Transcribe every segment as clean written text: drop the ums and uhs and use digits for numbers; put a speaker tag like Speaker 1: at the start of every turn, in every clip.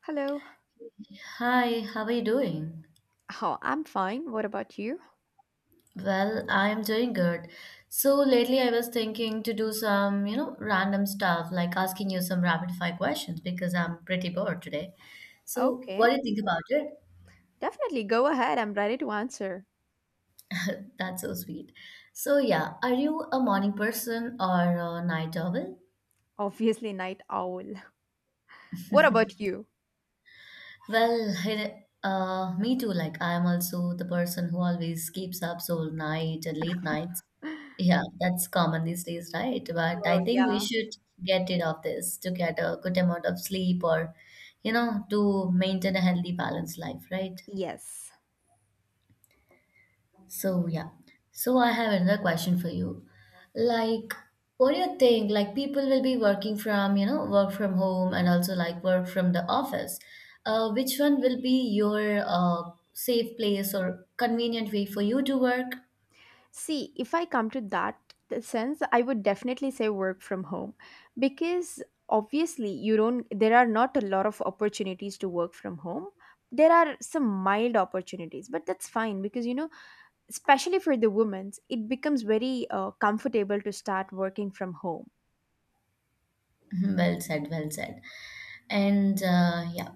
Speaker 1: Hello.
Speaker 2: Hi, how are you doing?
Speaker 1: Oh, I'm fine. What about you?
Speaker 2: Well, I'm doing good. So lately I was thinking to do some, you know, random stuff like asking you some rapid fire questions because I'm pretty bored today. So what
Speaker 1: Okay.
Speaker 2: do you think about it?
Speaker 1: Definitely go ahead. I'm ready to answer.
Speaker 2: That's so sweet. So yeah, are you a morning person or a night owl?
Speaker 1: Obviously, night owl. What about you?
Speaker 2: Well, me too. Like I'm also the person who always keeps up so night and late nights. Yeah, that's common these days, right? But
Speaker 1: Oh,
Speaker 2: I think we
Speaker 1: yeah.
Speaker 2: should get rid of this to get a good amount of sleep or, you know, to maintain a healthy, balanced life, right?
Speaker 1: Yes.
Speaker 2: So, yeah. So, I have another question for you. Like, what do you think? Like, people will be working from, you know, work from home and also like work from the office. Which one will be your safe place or convenient way for you to work?
Speaker 1: See, if I come to that sense, I would definitely say work from home because obviously you don't there are not a lot of opportunities to work from home. There are some mild opportunities, but that's fine because you know, especially for the women's, it becomes very comfortable to start working from home.
Speaker 2: Well said, well said. And yeah.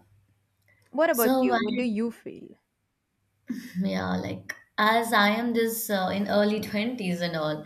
Speaker 1: What about
Speaker 2: So,
Speaker 1: you? What do
Speaker 2: when-
Speaker 1: you feel?
Speaker 2: yeah, like as I am this in early 20s and all,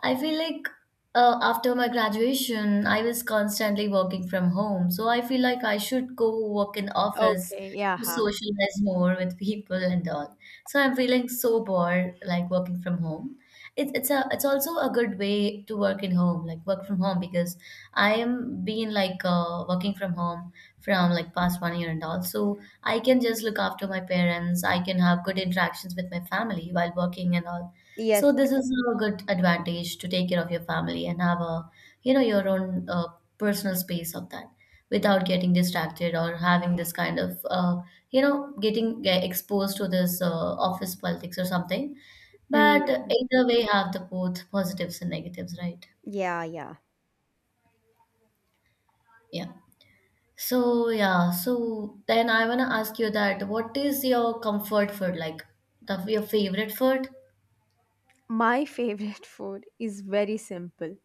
Speaker 2: I feel like after my graduation, I was constantly working from home. So I feel like I should go work in office
Speaker 1: Okay, yeah.
Speaker 2: to
Speaker 1: Huh.
Speaker 2: socialize more with people and all. So I'm feeling so bored, like working from home. It's also a good way to work in home, like work from home, because I am being like working from home from like past 1 year and all. So I can just look after my parents. I can have good interactions with my family while working and all. So
Speaker 1: Yes.
Speaker 2: this is a good advantage to take care of your family and have a, you know, your own personal space of that without getting distracted or having this kind of, you know, getting get exposed to this office politics or something. But
Speaker 1: Mm.
Speaker 2: either way, have the both positives and negatives, right?
Speaker 1: Yeah, yeah.
Speaker 2: Yeah. So yeah, so then I wanna ask you that what is your comfort food like? The your favorite food?
Speaker 1: My favorite food is very simple.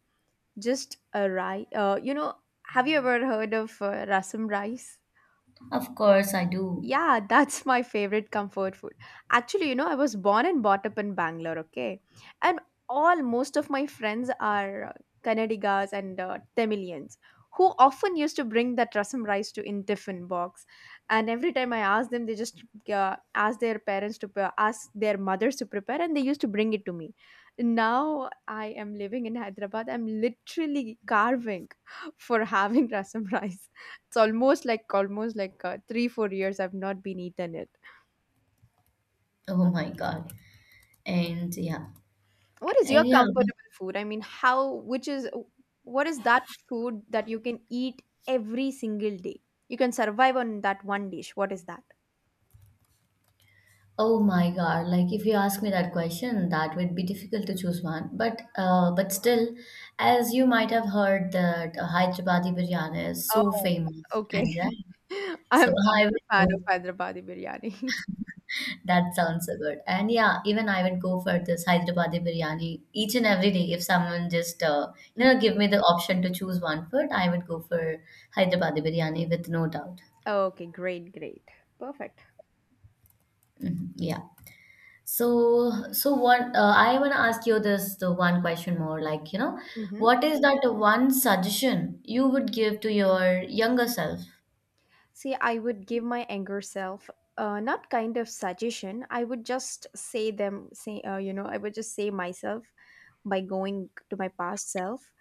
Speaker 1: Just a rice. You know, have you ever heard of rasam rice?
Speaker 2: Of course I do.
Speaker 1: Yeah, that's my favorite comfort food. Actually, you know, I was born and brought up in Bangalore, okay? And all most of my friends are Kannadigas and Tamilians who often used to bring that rasam rice to in tiffin box. And every time I ask them, they just ask their mothers to prepare, and they used to bring it to me. Now I am living in Hyderabad. I'm literally carving for having rasam rice. It's almost like 3 4 years I've not been eaten it.
Speaker 2: Oh my God. And yeah.
Speaker 1: What is your
Speaker 2: And yeah.
Speaker 1: comfortable food? I mean, how which is what is that food that you can eat every single day? You can survive on that one dish. What is that?
Speaker 2: Oh my God. Like if you ask me that question, that would be difficult to choose one. But still, as you might have heard that Hyderabadi biryani is so
Speaker 1: Oh,
Speaker 2: famous
Speaker 1: okay.
Speaker 2: and right. So
Speaker 1: I'm not
Speaker 2: I
Speaker 1: a
Speaker 2: would
Speaker 1: fan of
Speaker 2: go.
Speaker 1: Hyderabadi biryani.
Speaker 2: That sounds so good. And yeah, even I would go for this Hyderabadi biryani each and every day. If someone just you know give me the option to choose one food, I would go for Hyderabadi biryani with no doubt.
Speaker 1: Okay, great, great, perfect.
Speaker 2: Mhm. Yeah. So, so what I want to ask you this the one question more like, you know,
Speaker 1: Hmm.
Speaker 2: what is that one suggestion you would give to your younger self?
Speaker 1: See, I would give my anger self not kind of suggestion. I would just say them, say, you know, I would just say myself, by going to my past self.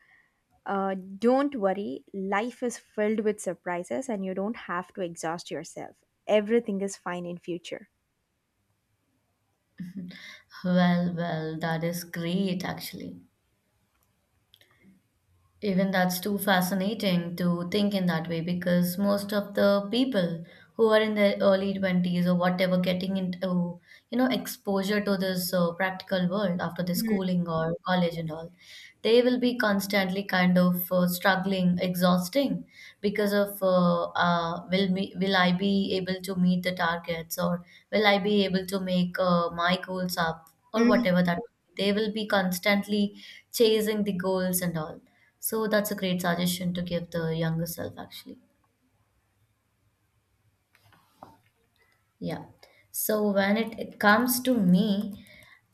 Speaker 1: Don't worry, life is filled with surprises and you don't have to exhaust yourself. Everything is fine in future.
Speaker 2: Well, well, that is great actually. Even that's too fascinating to think in that way because most of the people who are in their early 20s or whatever getting into you know exposure to this practical world after the
Speaker 1: Mm.
Speaker 2: schooling or college
Speaker 1: Yes.
Speaker 2: and all they will be constantly kind of struggling exhausting because of will I be able to meet the targets or will I be able to make my goals up or
Speaker 1: Mm.
Speaker 2: whatever that they will be constantly chasing the goals and all so that's a great suggestion to give the younger self actually. Yeah. So when it comes to me,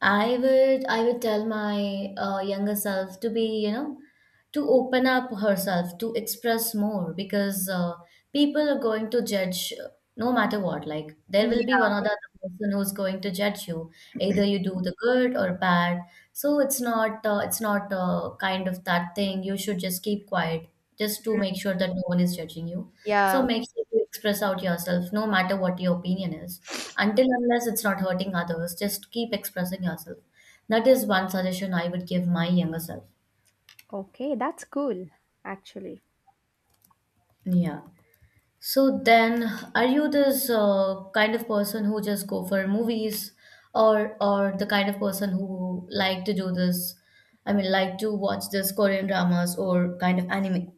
Speaker 2: I would tell my younger self to be you know to open up herself to express more because people are going to judge no matter what. Like there will be one
Speaker 1: Yeah,
Speaker 2: or the other person who's going to judge you. Either you do the good or bad. So it's not kind of that thing. You should just keep quiet just to make sure that no one is judging you. So
Speaker 1: yeah.
Speaker 2: make sure you express out yourself, no matter what your opinion is. Until unless it's not hurting others, just keep expressing yourself. That is one suggestion I would give my younger self.
Speaker 1: Okay, that's cool actually.
Speaker 2: Yeah. So then, are you this kind of person who just go for movies, or the kind of person who like to do this? I mean, like to watch this Korean dramas or kind of anime.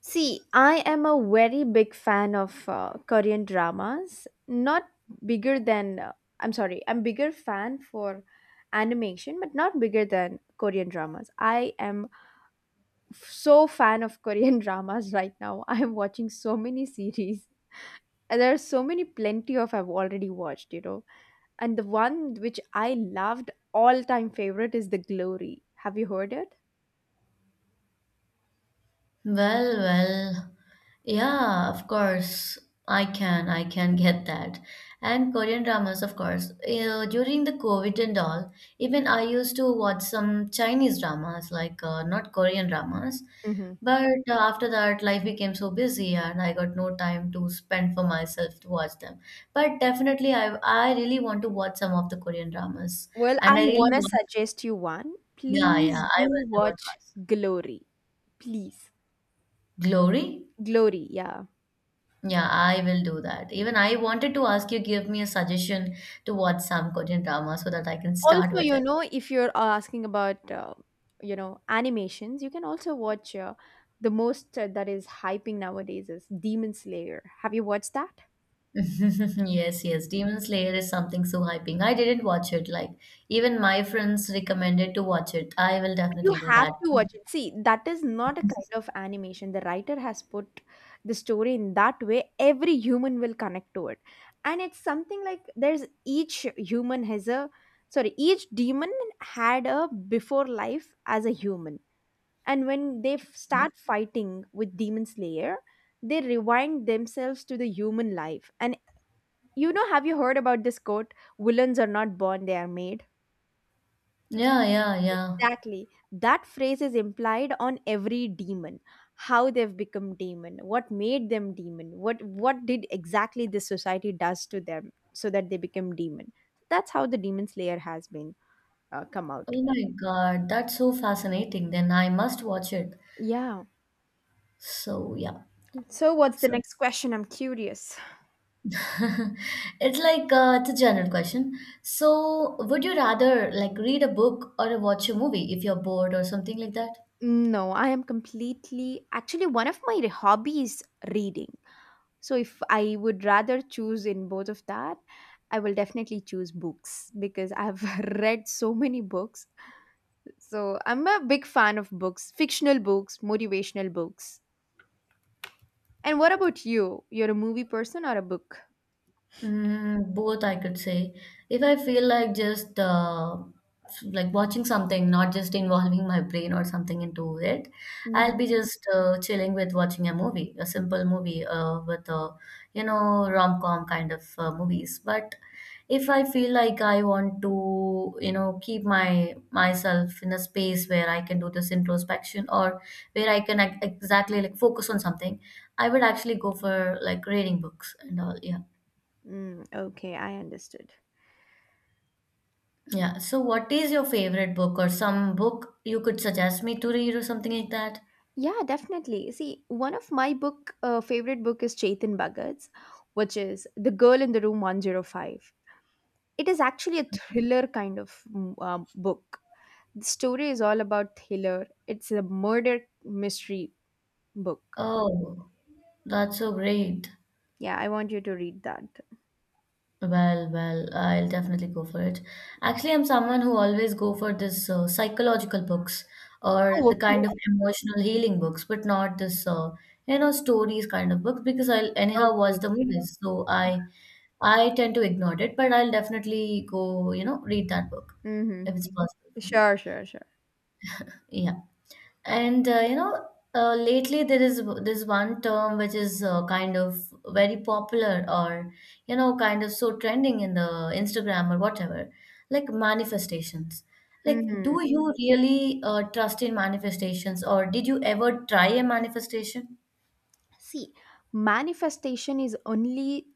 Speaker 1: See, I am a very big fan of Korean dramas. Not bigger than I'm sorry, I'm bigger fan for animation, but not bigger than Korean dramas. I am so fan of Korean dramas right now. I'm watching so many series. And there are so many plenty of I've already watched, you know. And the one which I loved all time favorite is The Glory. Have you heard it?
Speaker 2: Well, well, yeah, of course, I can get that. And Korean dramas, of course. You know, during the COVID and all, even I used to watch some Chinese dramas, like not Korean dramas.
Speaker 1: Hmm.
Speaker 2: But after that, life became so busy, and I got no time to spend for myself to watch them. But definitely, I really want to watch some of the Korean dramas,
Speaker 1: Well, I
Speaker 2: and I really
Speaker 1: want to
Speaker 2: want.
Speaker 1: suggest you one.
Speaker 2: Yeah,
Speaker 1: Please
Speaker 2: yeah, I
Speaker 1: do
Speaker 2: was about to
Speaker 1: watch
Speaker 2: ask.
Speaker 1: Glory. Please.
Speaker 2: Glory?
Speaker 1: Glory, yeah.
Speaker 2: Yeah, I will do that. Even I wanted to ask you give me a suggestion to watch some Korean drama so that I can start
Speaker 1: Also
Speaker 2: with
Speaker 1: you
Speaker 2: it.
Speaker 1: know if you're asking about you know animations you can also watch the most that is hyping nowadays is Demon Slayer, have you watched that?
Speaker 2: Yes, yes, Demon Slayer is something so hyping. I didn't watch it. Like even my friends recommended to watch it. I will
Speaker 1: But you
Speaker 2: definitely do
Speaker 1: have
Speaker 2: that.
Speaker 1: to watch it. See, that is not a kind of animation. The writer has put the story in that way every human will connect to it, and it's something like there's each human has a, sorry, each demon had a before life as a human, and when they start fighting with Demon Slayer they rewind themselves to the human life, and you know, have you heard about this quote, villains are not born, they are made?
Speaker 2: Yeah, yeah, yeah.
Speaker 1: Exactly, that phrase is implied on every demon. How they've become demon, what made them demon, what did exactly this society does to them so that they become demon. That's how the Demon Slayer has been come out.
Speaker 2: Oh my God, that's so fascinating. Then I must watch it.
Speaker 1: Yeah.
Speaker 2: So yeah.
Speaker 1: So what's the
Speaker 2: So
Speaker 1: next question? I'm curious.
Speaker 2: it's like it's a general question. So, would you rather like read a book or watch a movie if you're bored or something like that?
Speaker 1: No, I am completely actually one of my hobby is reading. So if I would rather choose in both of that, I will definitely choose books because I've read so many books. So I'm a big fan of books, fictional books, motivational books. And what about you? You're a movie person or a book?
Speaker 2: Mm, both, I could say. If I feel like just like watching something, not just involving my brain or something into it,
Speaker 1: Mhm.
Speaker 2: I'll be just chilling with watching a movie, a simple movie with a, you know, rom-com kind of movies. But if I feel like I want to, you know, keep my myself in a space where I can do this introspection or where I can exactly like focus on something, I would actually go for like reading books and all. Yeah.
Speaker 1: Mm, okay, I understood.
Speaker 2: Yeah. So, what is your favorite book or some book you could suggest me to read or something like that?
Speaker 1: Yeah, definitely. See, one of my book favorite book is Chetan Bhagat's, which is The Girl in the Room 105. It is actually a thriller kind of book. The story is all about thriller. It's a murder mystery book.
Speaker 2: Oh, that's so great.
Speaker 1: Yeah, I want you to read that.
Speaker 2: Well, well, I'll definitely go for it. Actually, I'm someone who always go for this psychological books or
Speaker 1: Oh,
Speaker 2: the kind of
Speaker 1: okay.
Speaker 2: emotional healing books, but not this you know stories kind of books because I'll anyhow watch
Speaker 1: Okay,
Speaker 2: the
Speaker 1: okay.
Speaker 2: movies. So I tend to ignore it, but I'll definitely go you know read that book
Speaker 1: Mm-hmm.
Speaker 2: if it's possible for me.
Speaker 1: Sure, sure, sure.
Speaker 2: Yeah. And you know, lately there is this one term which is kind of very popular or you know, kind of so trending in the Instagram or whatever, like manifestations. Like,
Speaker 1: Mm-hmm.
Speaker 2: do you really trust in manifestations, or did you ever try a manifestation?
Speaker 1: See, manifestation is only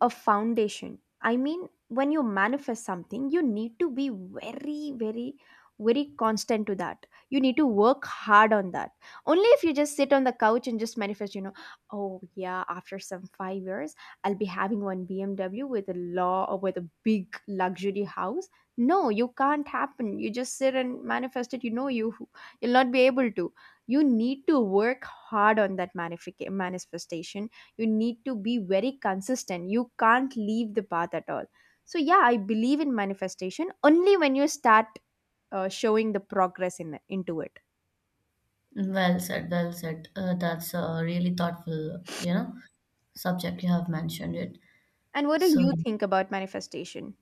Speaker 1: a foundation. I mean, when you manifest something you need to be very very very constant to that. You need to work hard on that. Only if you just sit on the couch and just manifest, you know, oh yeah, after some 5 years I'll be having one BMW with a law or with a big luxury house. No, you can't happen. You just sit and manifest it, you know, you you'll not be able to, you need to work hard on that manifestation. You need to be very consistent. You can't leave the path at all. So yeah, I believe in manifestation only when you start showing the progress in into it.
Speaker 2: Well said, well said. That's a really thoughtful, you know, subject you have mentioned it.
Speaker 1: And what do
Speaker 2: So
Speaker 1: you think about manifestation?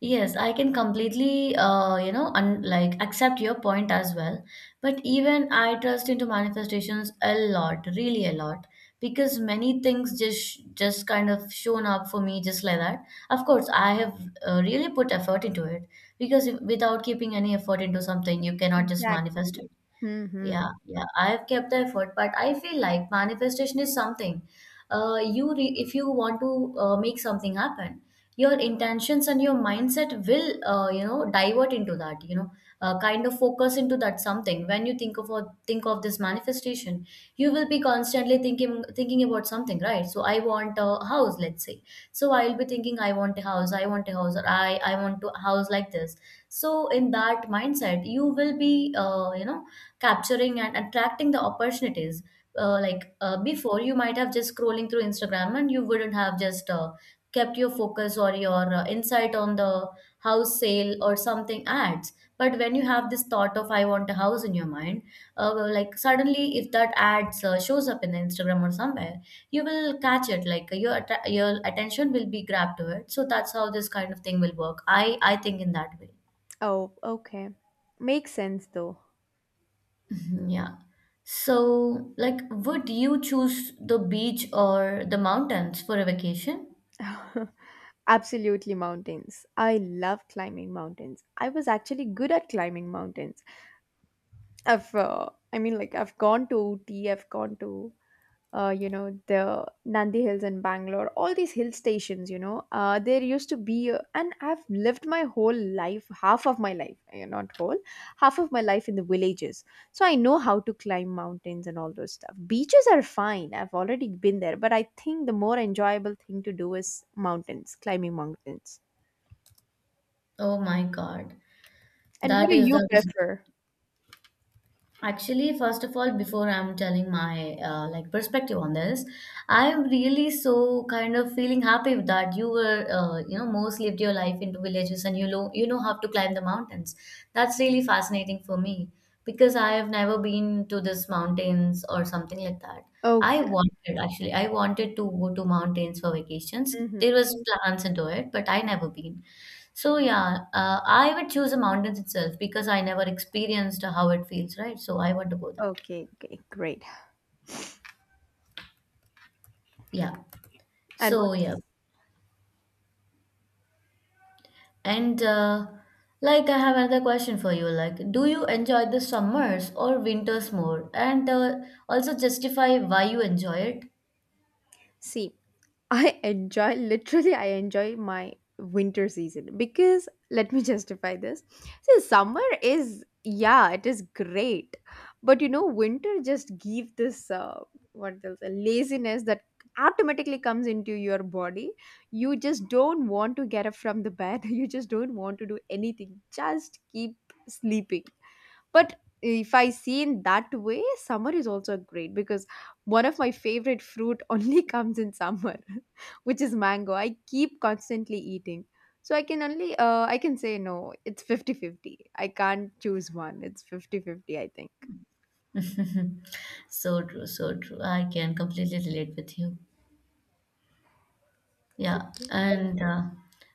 Speaker 2: yes, I can completely, you know, un like accept your point as well. But even I trust into manifestations a lot, really a lot, because many things just kind of shown up for me just like that. Of course, I have really put effort into it because if, without keeping any effort into something, you cannot just manifest
Speaker 1: Exactly.
Speaker 2: it.
Speaker 1: Hmm.
Speaker 2: Yeah, yeah, I have kept the effort, but I feel like manifestation is something. You re if you want to make something happen, your intentions and your mindset will, you know, divert into that. You know, kind of focus into that something. When you think of this manifestation, you will be constantly thinking about something, right? So I want a house, let's say. So I'll be thinking, I want a house, I want a house, or I want to house like this. So in that mindset, you will be, you know capturing and attracting the opportunities. Like before, you might have just scrolling through Instagram and you wouldn't have just kept your focus or your insight on the house sale or something ads. But when you have this thought of I want a house in your mind, well, like suddenly if that ads shows up in Instagram or somewhere, you will catch it. Like your your attention will be grabbed to it. So that's how this kind of thing will work. I think in that way.
Speaker 1: Oh, okay. Makes sense though.
Speaker 2: Yeah. So, like, would you choose the beach or the mountains for a vacation?
Speaker 1: Absolutely, mountains. I love climbing mountains. I was actually good at climbing mountains. I've, I mean, like, I've gone to Ooty, I've gone to you know the Nandi Hills in Bangalore, all these hill stations. You know, there used to be, a- and I've lived my whole life, half of my life, eh, not whole, half of my life in the villages. So I know how to climb mountains and all those stuff. Beaches are fine. I've already been there, but I think the more enjoyable thing to do is mountains, climbing mountains.
Speaker 2: Oh my God.
Speaker 1: And what
Speaker 2: That
Speaker 1: do
Speaker 2: is
Speaker 1: you
Speaker 2: that is
Speaker 1: prefer?
Speaker 2: actually, first of all, before I'm telling my like perspective on this, I'm really so kind of feeling happy with that you were you know most lived your life into villages and you know how to climb the mountains. That's really fascinating for me because I have never been to this mountains or something like that.
Speaker 1: Oh,
Speaker 2: I wanted to go to mountains for vacations.
Speaker 1: mhm.
Speaker 2: There was plans into it, but I never been. So yeah, I would choose the mountains itself because I never experienced how it feels, right? So I want to go that.
Speaker 1: Okay, okay, great.
Speaker 2: Yeah.
Speaker 1: And what?
Speaker 2: So yeah. And Like, I have another question for you. Like, do you enjoy the summers or winters more? And Also justify why you enjoy
Speaker 1: See, I enjoy my winter season because let me justify this. See, summer is yeah, it is great. But you know winter just give this what else a laziness that automatically comes into your body. You just don't want to get up from the bed. You just don't want to do anything. Just keep sleeping. But if I see in that way, summer is also great because one of my favorite fruit only comes in summer, which is mango. I keep constantly eating. So I can only I can say no, it's 50 50. I can't choose one. It's 50 50. I think.
Speaker 2: it. So true, so true. I can completely relate with you. Yeah, and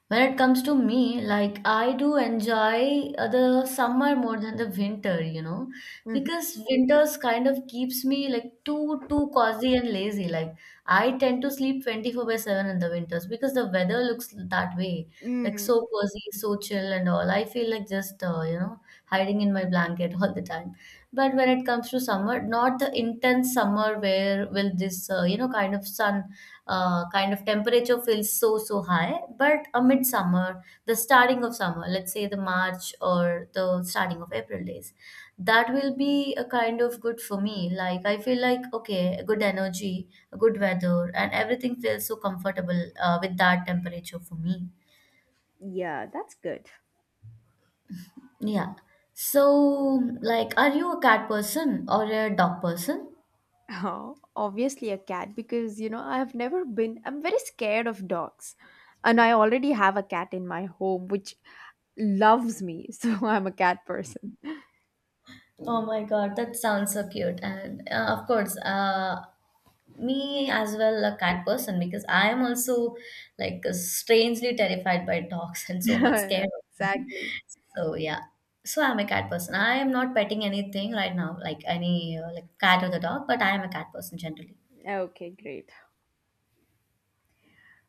Speaker 2: when it comes to me, like I do enjoy the summer more than the winter, you know,
Speaker 1: Mhm.
Speaker 2: because winters kind of keeps me like too cozy and lazy. Like, I tend to sleep 24 by 7 in the winters because the weather looks that way, like
Speaker 1: Mm,
Speaker 2: so cozy, so chill and all. I feel like just hiding in my blanket all the time. But when it comes to summer, not the intense summer where will this kind of sun kind of temperature feels so so high, but a midsummer, the starting of summer, let's say the march or the starting of april days, that will be a kind of good for me. Like, I feel like okay, good energy, good weather, and everything feels so comfortable with that temperature for me.
Speaker 1: yeah, that's good.
Speaker 2: Yeah. So, like, are you a cat person or a dog person?
Speaker 1: Oh, obviously a cat because you know I have never been, I'm very scared of dogs and I already have a cat in my home which loves me. So I'm a cat person.
Speaker 2: Oh my God, that sounds so cute. Me as well, a cat person, because I am also like strangely terrified by dogs and so much scared of them.
Speaker 1: Exactly.
Speaker 2: So yeah, so I'm a cat person. I am not petting anything right now, like any like cat or the dog, but I am a cat person generally.
Speaker 1: Okay, great.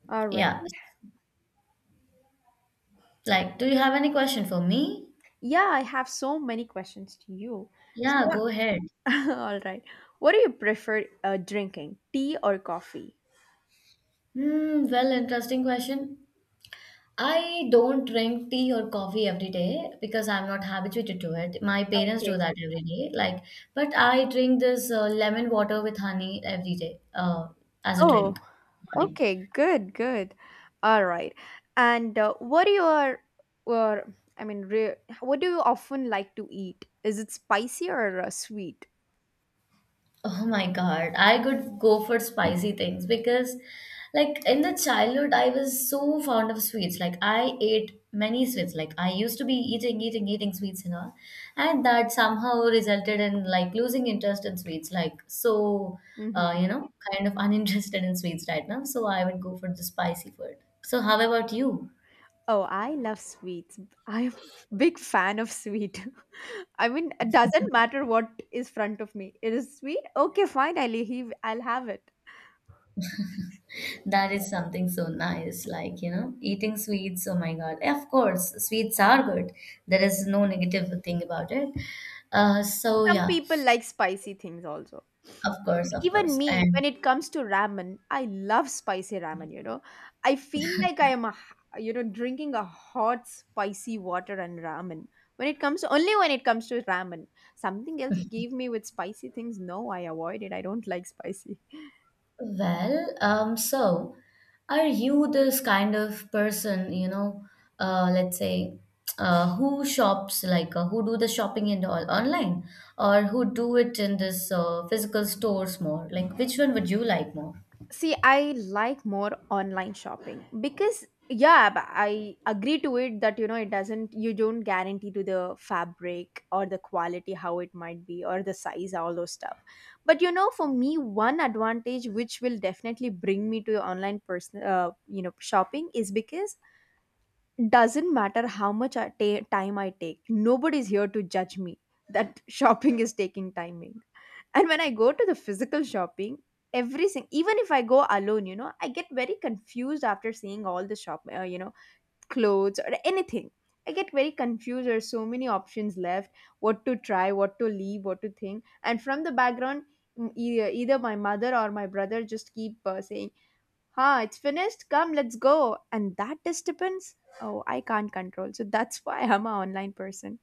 Speaker 1: All right.
Speaker 2: Yeah. Like, do you have any question for me?
Speaker 1: Yeah, I have so many questions to you. So,
Speaker 2: Yeah, go ahead.
Speaker 1: all right. What do you prefer drinking, tea or coffee?
Speaker 2: Hmm, well, interesting question. I don't drink tea or coffee every day because I'm not habituated to it. My parents do
Speaker 1: Okay.
Speaker 2: that every day. Like, but I drink this lemon water with honey every day as a
Speaker 1: Oh,
Speaker 2: drink morning.
Speaker 1: okay. Good, good. All right. And what do you are, or I mean, what do you often like to eat? Is it spicy or sweet?
Speaker 2: Oh my God, I could go for spicy things because, like, in the childhood, I was so fond of sweets. Like, I ate many sweets. Like, I used to be eating sweets and all. And that somehow resulted in, like, losing interest in sweets. Like, so,
Speaker 1: Hmm.
Speaker 2: you know, kind of uninterested in sweets right now. So, I would go for the spicy food. So, how about you?
Speaker 1: Oh, I love sweets. I'm a big fan of sweet. I mean, it doesn't matter what is front of me. It is sweet. Okay, fine. I'll leave. I'll have it.
Speaker 2: That is something so nice, like, you know, eating sweets. Oh my God. Of course, sweets are good. There is no negative thing about it. So,
Speaker 1: Some
Speaker 2: yeah,
Speaker 1: people like spicy things also.
Speaker 2: of course, of
Speaker 1: Even
Speaker 2: course.
Speaker 1: me,
Speaker 2: And
Speaker 1: when it comes to ramen, I love spicy ramen. You know, I feel like I am a, you know drinking a hot spicy water and ramen. When it comes to ramen, something else you give me with spicy things. No, I avoid it. I don't like spicy.
Speaker 2: well, so are you this kind of person, you know, let's say, who shops like who do the shopping and all online, or who do it in this physical stores more? Like, which one would you like more?
Speaker 1: See, I like more online shopping because yeah, but I agree to it that you know it doesn't you don't guarantee to the fabric or the quality how it might be or the size all those stuff. But you know, for me, one advantage which will definitely bring me to online person you know shopping is because doesn't matter how much time I take. Nobody's here to judge me that shopping is taking timing. And when I go to the physical shopping, everything, even if I go alone, you know, I get very confused after seeing all the shop, you know, clothes or anything. I get very confused. There's so many options left. What to try, what to leave, what to think. And from the background, either my mother or my brother just keep saying, huh, it's finished, come, let's go, and that disturbance, oh, I can't control. So that's why I'm an online person,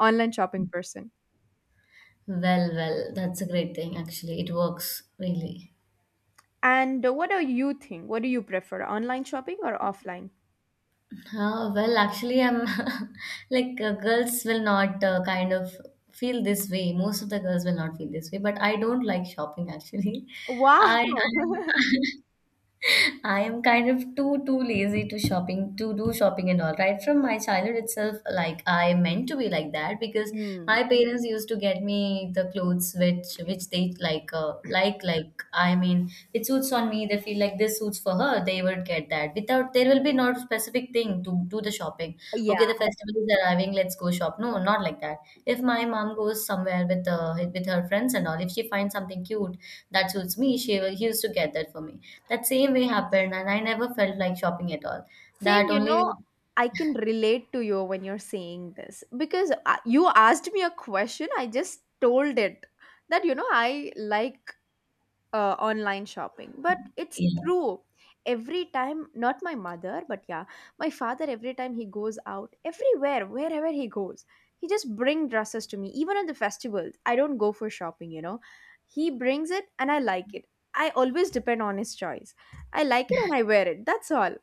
Speaker 1: online shopping person.
Speaker 2: Well, well, that's a great thing actually. It works really.
Speaker 1: And what do you think? What do you prefer, online shopping or offline?
Speaker 2: Well, actually, I'm like girls will not kind of feel this way. Most of the girls will not feel this way, but I don't like shopping actually.
Speaker 1: Wow.
Speaker 2: I am I am kind of too lazy to shopping to do shopping and all. Right from my childhood itself, like I meant to be like that because my
Speaker 1: Hmm.
Speaker 2: parents used to get me the clothes which they like like I mean it suits on me. They feel like this suits for her. They would get that. Without, there will be not specific thing to do the shopping.
Speaker 1: Yeah,
Speaker 2: Okay, the festival is arriving, let's go shop. No, not like that. If my mom goes somewhere with her friends and all, if she finds something cute that suits me, she will used to get that for me. That same way happened, and I never felt like shopping at all.
Speaker 1: same.
Speaker 2: That
Speaker 1: You
Speaker 2: only.
Speaker 1: know, I can relate to you when you're saying this because you asked me a question. I just told it that I like online shopping, but it's
Speaker 2: Yeah.
Speaker 1: true. Every time, not my mother, but yeah, my father, every time he goes out, everywhere wherever he goes, he just bring dresses to me. Even on the festivals, I don't go for shopping. He brings it and I like it. I always depend on his choice. I like it and I wear it. That's all.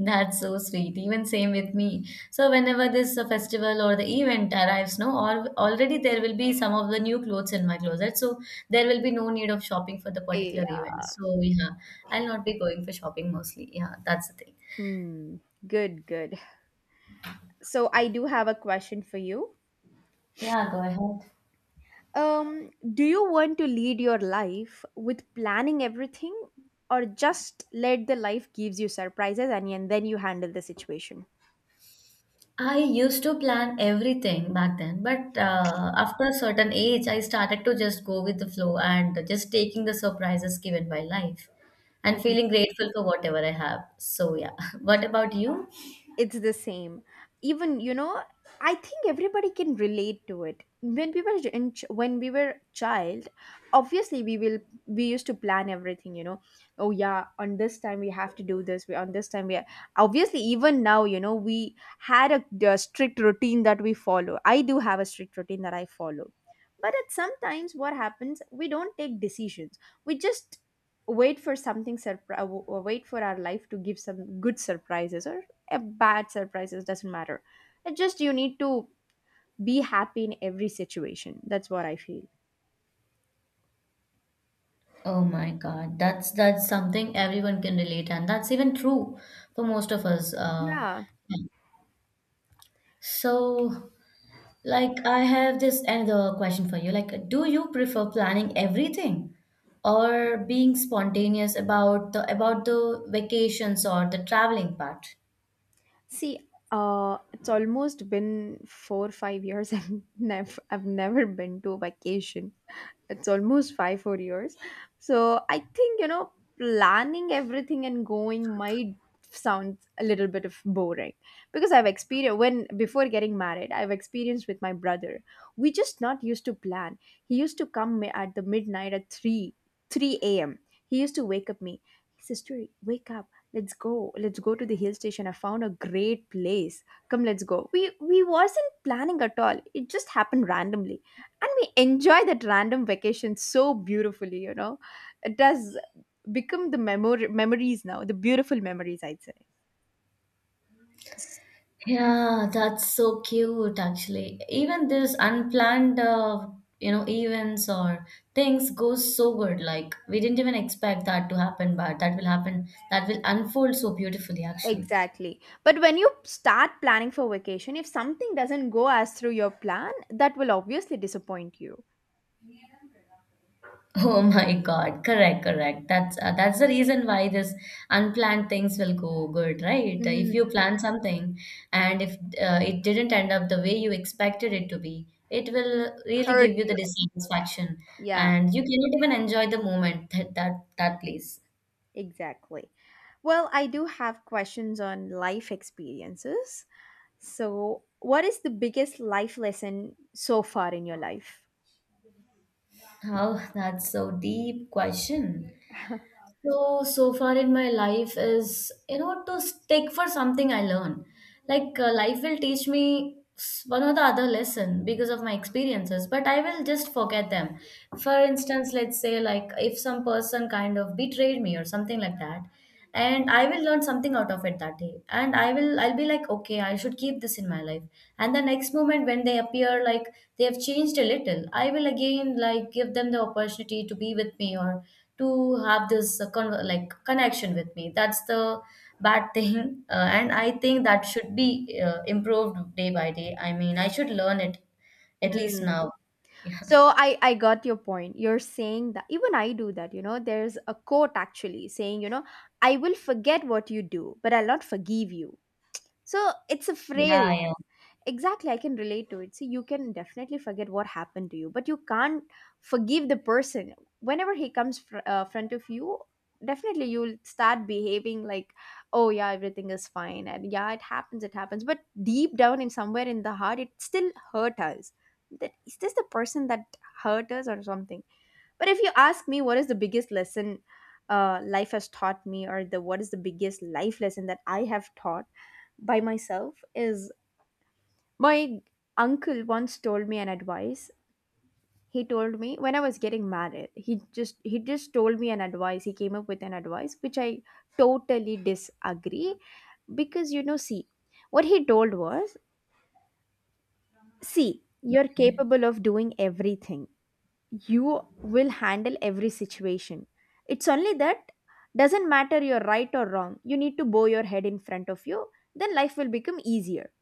Speaker 2: That's so sweet. Even same with me. So whenever this festival or the event arrives, no, or already there will be some of the new clothes in my closet. So there will be no need of shopping for the particular
Speaker 1: Yeah.
Speaker 2: event. So yeah, I'll not be going for shopping mostly. Yeah, that's the thing.
Speaker 1: Hmm. Good, good. So I do have a question for you.
Speaker 2: Yeah, go ahead.
Speaker 1: Do you want to lead your life with planning everything, or just let the life gives you surprises and then you handle the situation?
Speaker 2: I used to plan everything back then, but after a certain age, I started to just go with the flow and just taking the surprises given by life and feeling grateful for whatever I have. So yeah, what about you?
Speaker 1: It's the same. Even, I think everybody can relate to it. When we were when we were child, obviously We used to plan everything. Oh, yeah, on this time we have to do this. We on this time we Obviously, even now, we had a strict routine that we follow. I do have a strict routine that I follow. But at sometimes what happens, we don't take decisions. We just wait for something surprise, or wait for our life to give some good surprises, or a bad surprises. Doesn't matter. It just, you need to be happy in every situation. That's what I feel.
Speaker 2: Oh my God, that's something everyone can relate, and that's even true for most of us.
Speaker 1: Yeah.
Speaker 2: So, like, I have this another question for you. Like, do you prefer planning everything, or being spontaneous about the vacations or the traveling part?
Speaker 1: See, it's almost been 4-5 years. I've never been to vacation. It's almost 5-4 years. So I think planning everything and going might sound a little bit of boring, because I've experienced, when before getting married, I've experienced with my brother. We just not used to plan. He used to come at the midnight at three a.m. He used to wake up me. Sister, wake up. Let's go. Let's go to the hill station. I found a great place. Come, let's go. We wasn't planning at all. It just happened randomly. And we enjoy that random vacation so beautifully. It does become the memory memories now, the beautiful memories, I'd say. S-
Speaker 2: Yeah, that's so cute actually. Even this unplanned you know events or things goes so good. Like we didn't even expect that to happen, but that will happen. That will unfold so beautifully actually.
Speaker 1: Exactly. But when you start planning for vacation, if something doesn't go as through your plan, that will obviously disappoint you.
Speaker 2: Oh my God. Correct, correct. That's the reason why this unplanned things will go good, right? If
Speaker 1: Mm,
Speaker 2: you plan something and if it didn't end up the way you expected it to be, it will really
Speaker 1: hurt
Speaker 2: give you the
Speaker 1: you.
Speaker 2: dissatisfaction,
Speaker 1: Yeah.
Speaker 2: and you cannot even enjoy the moment at that place.
Speaker 1: Exactly. Well, I do have questions on life experiences. So, what is the biggest life lesson so far in your life?
Speaker 2: Oh, that's so deep question. So, so far in my life is, you know, to stick for something I learn. Like life will teach me one or the other lesson because of my experiences, but I will just forget them. For instance, let's say like if some person kind of betrayed me or something like that, and I will learn something out of it that day. And I will, I'll be like, okay, I should keep this in my life. And the next moment when they appear, like they have changed a little, I will again like give them the opportunity to be with me or to have this like connection with me. That's the bad thing, and I think that should be improved day by day. I mean, I should learn it at least
Speaker 1: Mm.
Speaker 2: now. Yeah,
Speaker 1: So I got your point. You're saying that even I do that, you know. There's a quote actually saying I will forget what you do, but I'll not forgive you. So it's a
Speaker 2: yeah.
Speaker 1: phrase.
Speaker 2: Yeah.
Speaker 1: Exactly, I can relate to it. See, you can definitely forget what happened to you, but you can't forgive the person whenever he comes front of you. Definitely, you'll start behaving like, oh yeah, everything is fine, and yeah, it happens, it happens, but deep down in somewhere in the heart, it still hurt us. That is this the person that hurt us or something? But if you ask me what is the biggest lesson, life has taught me, or the what is the biggest life lesson that I have taught by myself is, my uncle once told me an advice. He told me when I was getting married, he just told me an advice. He came up with an advice which I totally disagree, because you know, see, what he told was, see, you're
Speaker 2: Okay.
Speaker 1: capable of doing everything. You will handle every situation. It's only that, doesn't matter you're right or wrong, you need to bow your head in front of you, then life will become easier.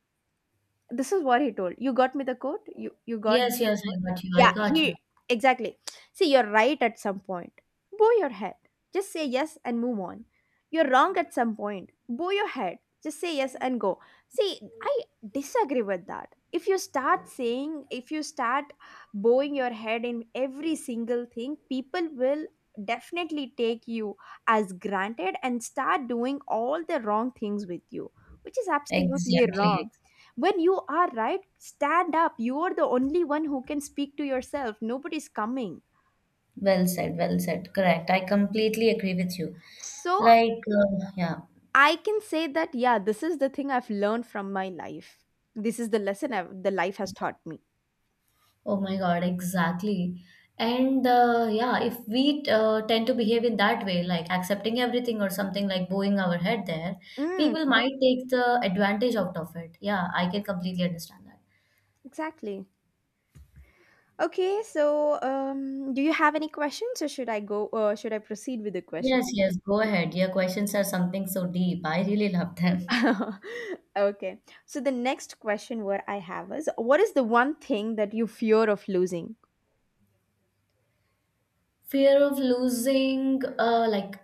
Speaker 1: This is what he told. You got me the quote? You got
Speaker 2: Yes,
Speaker 1: the
Speaker 2: yes, I
Speaker 1: word?
Speaker 2: got you, I
Speaker 1: Yeah,
Speaker 2: got you.
Speaker 1: he, exactly. See, you're right at some point. Bow your head. Just say yes and move on. You're wrong at some point. Bow your head. Just say yes and go. See, I disagree with that. If you start saying, if you start bowing your head in every single thing, people will definitely take you as granted and start doing all the wrong things with you, which is absolutely
Speaker 2: Exactly.
Speaker 1: wrong. When you are right, stand up. You are the only one who can speak to yourself. Nobody's coming.
Speaker 2: Well said, well said. Correct, I completely agree with you.
Speaker 1: So
Speaker 2: Yeah.
Speaker 1: I can say that, yeah, this is the thing I've learned from my life. This is the lesson the life has taught me.
Speaker 2: Oh my God, exactly. And Yeah, if we tend to behave in that way, like accepting everything or something like bowing our head there, people
Speaker 1: Mm,
Speaker 2: might take the advantage out of it. Yeah, I can completely understand that.
Speaker 1: exactly. Okay, so do you have any questions, or should I proceed with the question?
Speaker 2: Yes, yes, go ahead. Your questions are something so deep. I really love them.
Speaker 1: Okay, so the next question what I have is, what is the one thing that you fear of losing?
Speaker 2: Fear of losing, like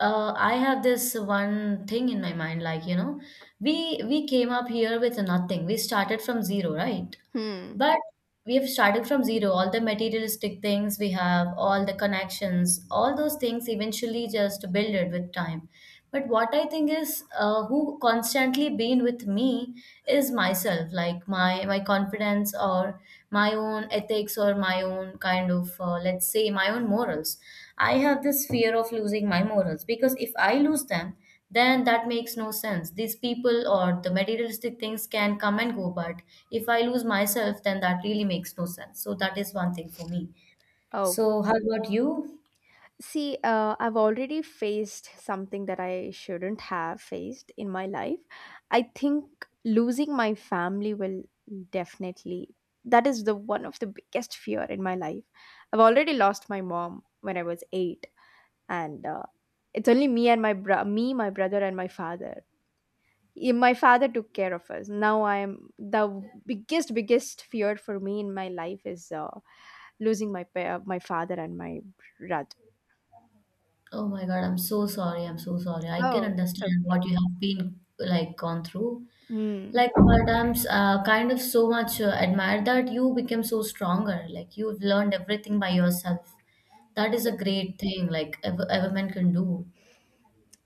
Speaker 2: I have this one thing in my mind, like, you know, we came up here with nothing. We started from zero, right?
Speaker 1: Hmm.
Speaker 2: But we have started from zero. All the materialistic things we have, all the connections, all those things eventually just build it with time. But what I think is, who constantly been with me is myself, like my confidence or my own ethics or my own kind of let's say my own morals. I have this fear of losing my morals because if I lose them, then that makes no sense. These people or the materialistic things can come and go, but if I lose myself, then that really makes no sense. So that is one thing for me.
Speaker 1: Oh.
Speaker 2: So how about you?
Speaker 1: See, I've already faced something that I shouldn't have faced in my life. I think losing my family will definitely, that is the one of the biggest fear in my life. I've already lost my mom when I was 8, and it's only me and me, my brother, and my father. My father took care of us. Now I am, the biggest biggest fear for me in my life is losing my father and my brother.
Speaker 2: Oh my God, I'm so sorry. I'm so sorry. I can
Speaker 1: Oh, that's
Speaker 2: understand
Speaker 1: okay.
Speaker 2: what you have been like gone through.
Speaker 1: Hmm.
Speaker 2: Like, but I'm kind of so much admired that you became so stronger. Like you've learned everything by yourself. That is a
Speaker 1: Yes.
Speaker 2: great thing. Like ever, ever man can do.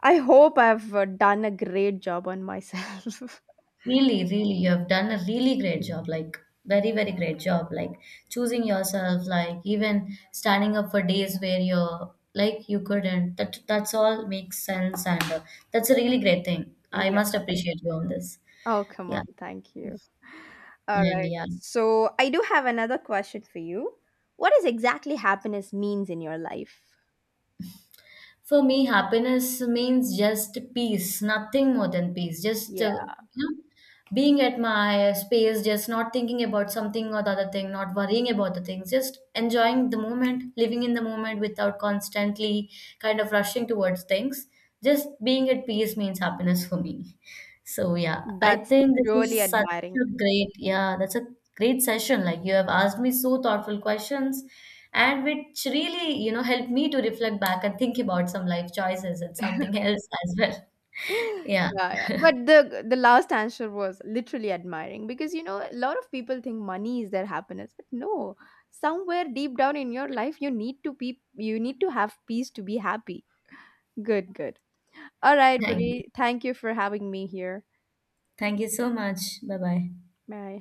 Speaker 1: I hope I've done a great job on myself.
Speaker 2: Really, really, you have done a really great job. Like, very, very great job. Like, choosing yourself, like, even standing up for days where you're like you couldn't. That that's all makes sense, and that's a really great thing. I
Speaker 1: Yeah.
Speaker 2: must appreciate you on this.
Speaker 1: Oh, come on.
Speaker 2: Yeah,
Speaker 1: Thank you. All
Speaker 2: and
Speaker 1: right.
Speaker 2: yeah.
Speaker 1: So, I do have another question for you. What is exactly happiness means in your life?
Speaker 2: For me, happiness means just peace, nothing more than peace. Just
Speaker 1: Yeah,
Speaker 2: you know, being at my space, just not thinking about something or the other thing, not worrying about the things, just enjoying the moment, living in the moment without constantly kind of rushing towards things. Just being at peace means happiness for me. So yeah, I
Speaker 1: that's
Speaker 2: think this
Speaker 1: really
Speaker 2: is such
Speaker 1: admiring.
Speaker 2: a great, yeah, that's a great session. Like you have asked me so thoughtful questions and which really, you know, helped me to reflect back and think about some life choices and something else as well. Yeah.
Speaker 1: Yeah, yeah. But the last answer was literally admiring, because you know, a lot of people think money is their happiness, but no. Somewhere deep down in your life, you need to have peace to be happy. Good, good. All right,
Speaker 2: Thank you.
Speaker 1: buddy. Thank you for having me here.
Speaker 2: Thank you so much. Bye bye.
Speaker 1: Bye.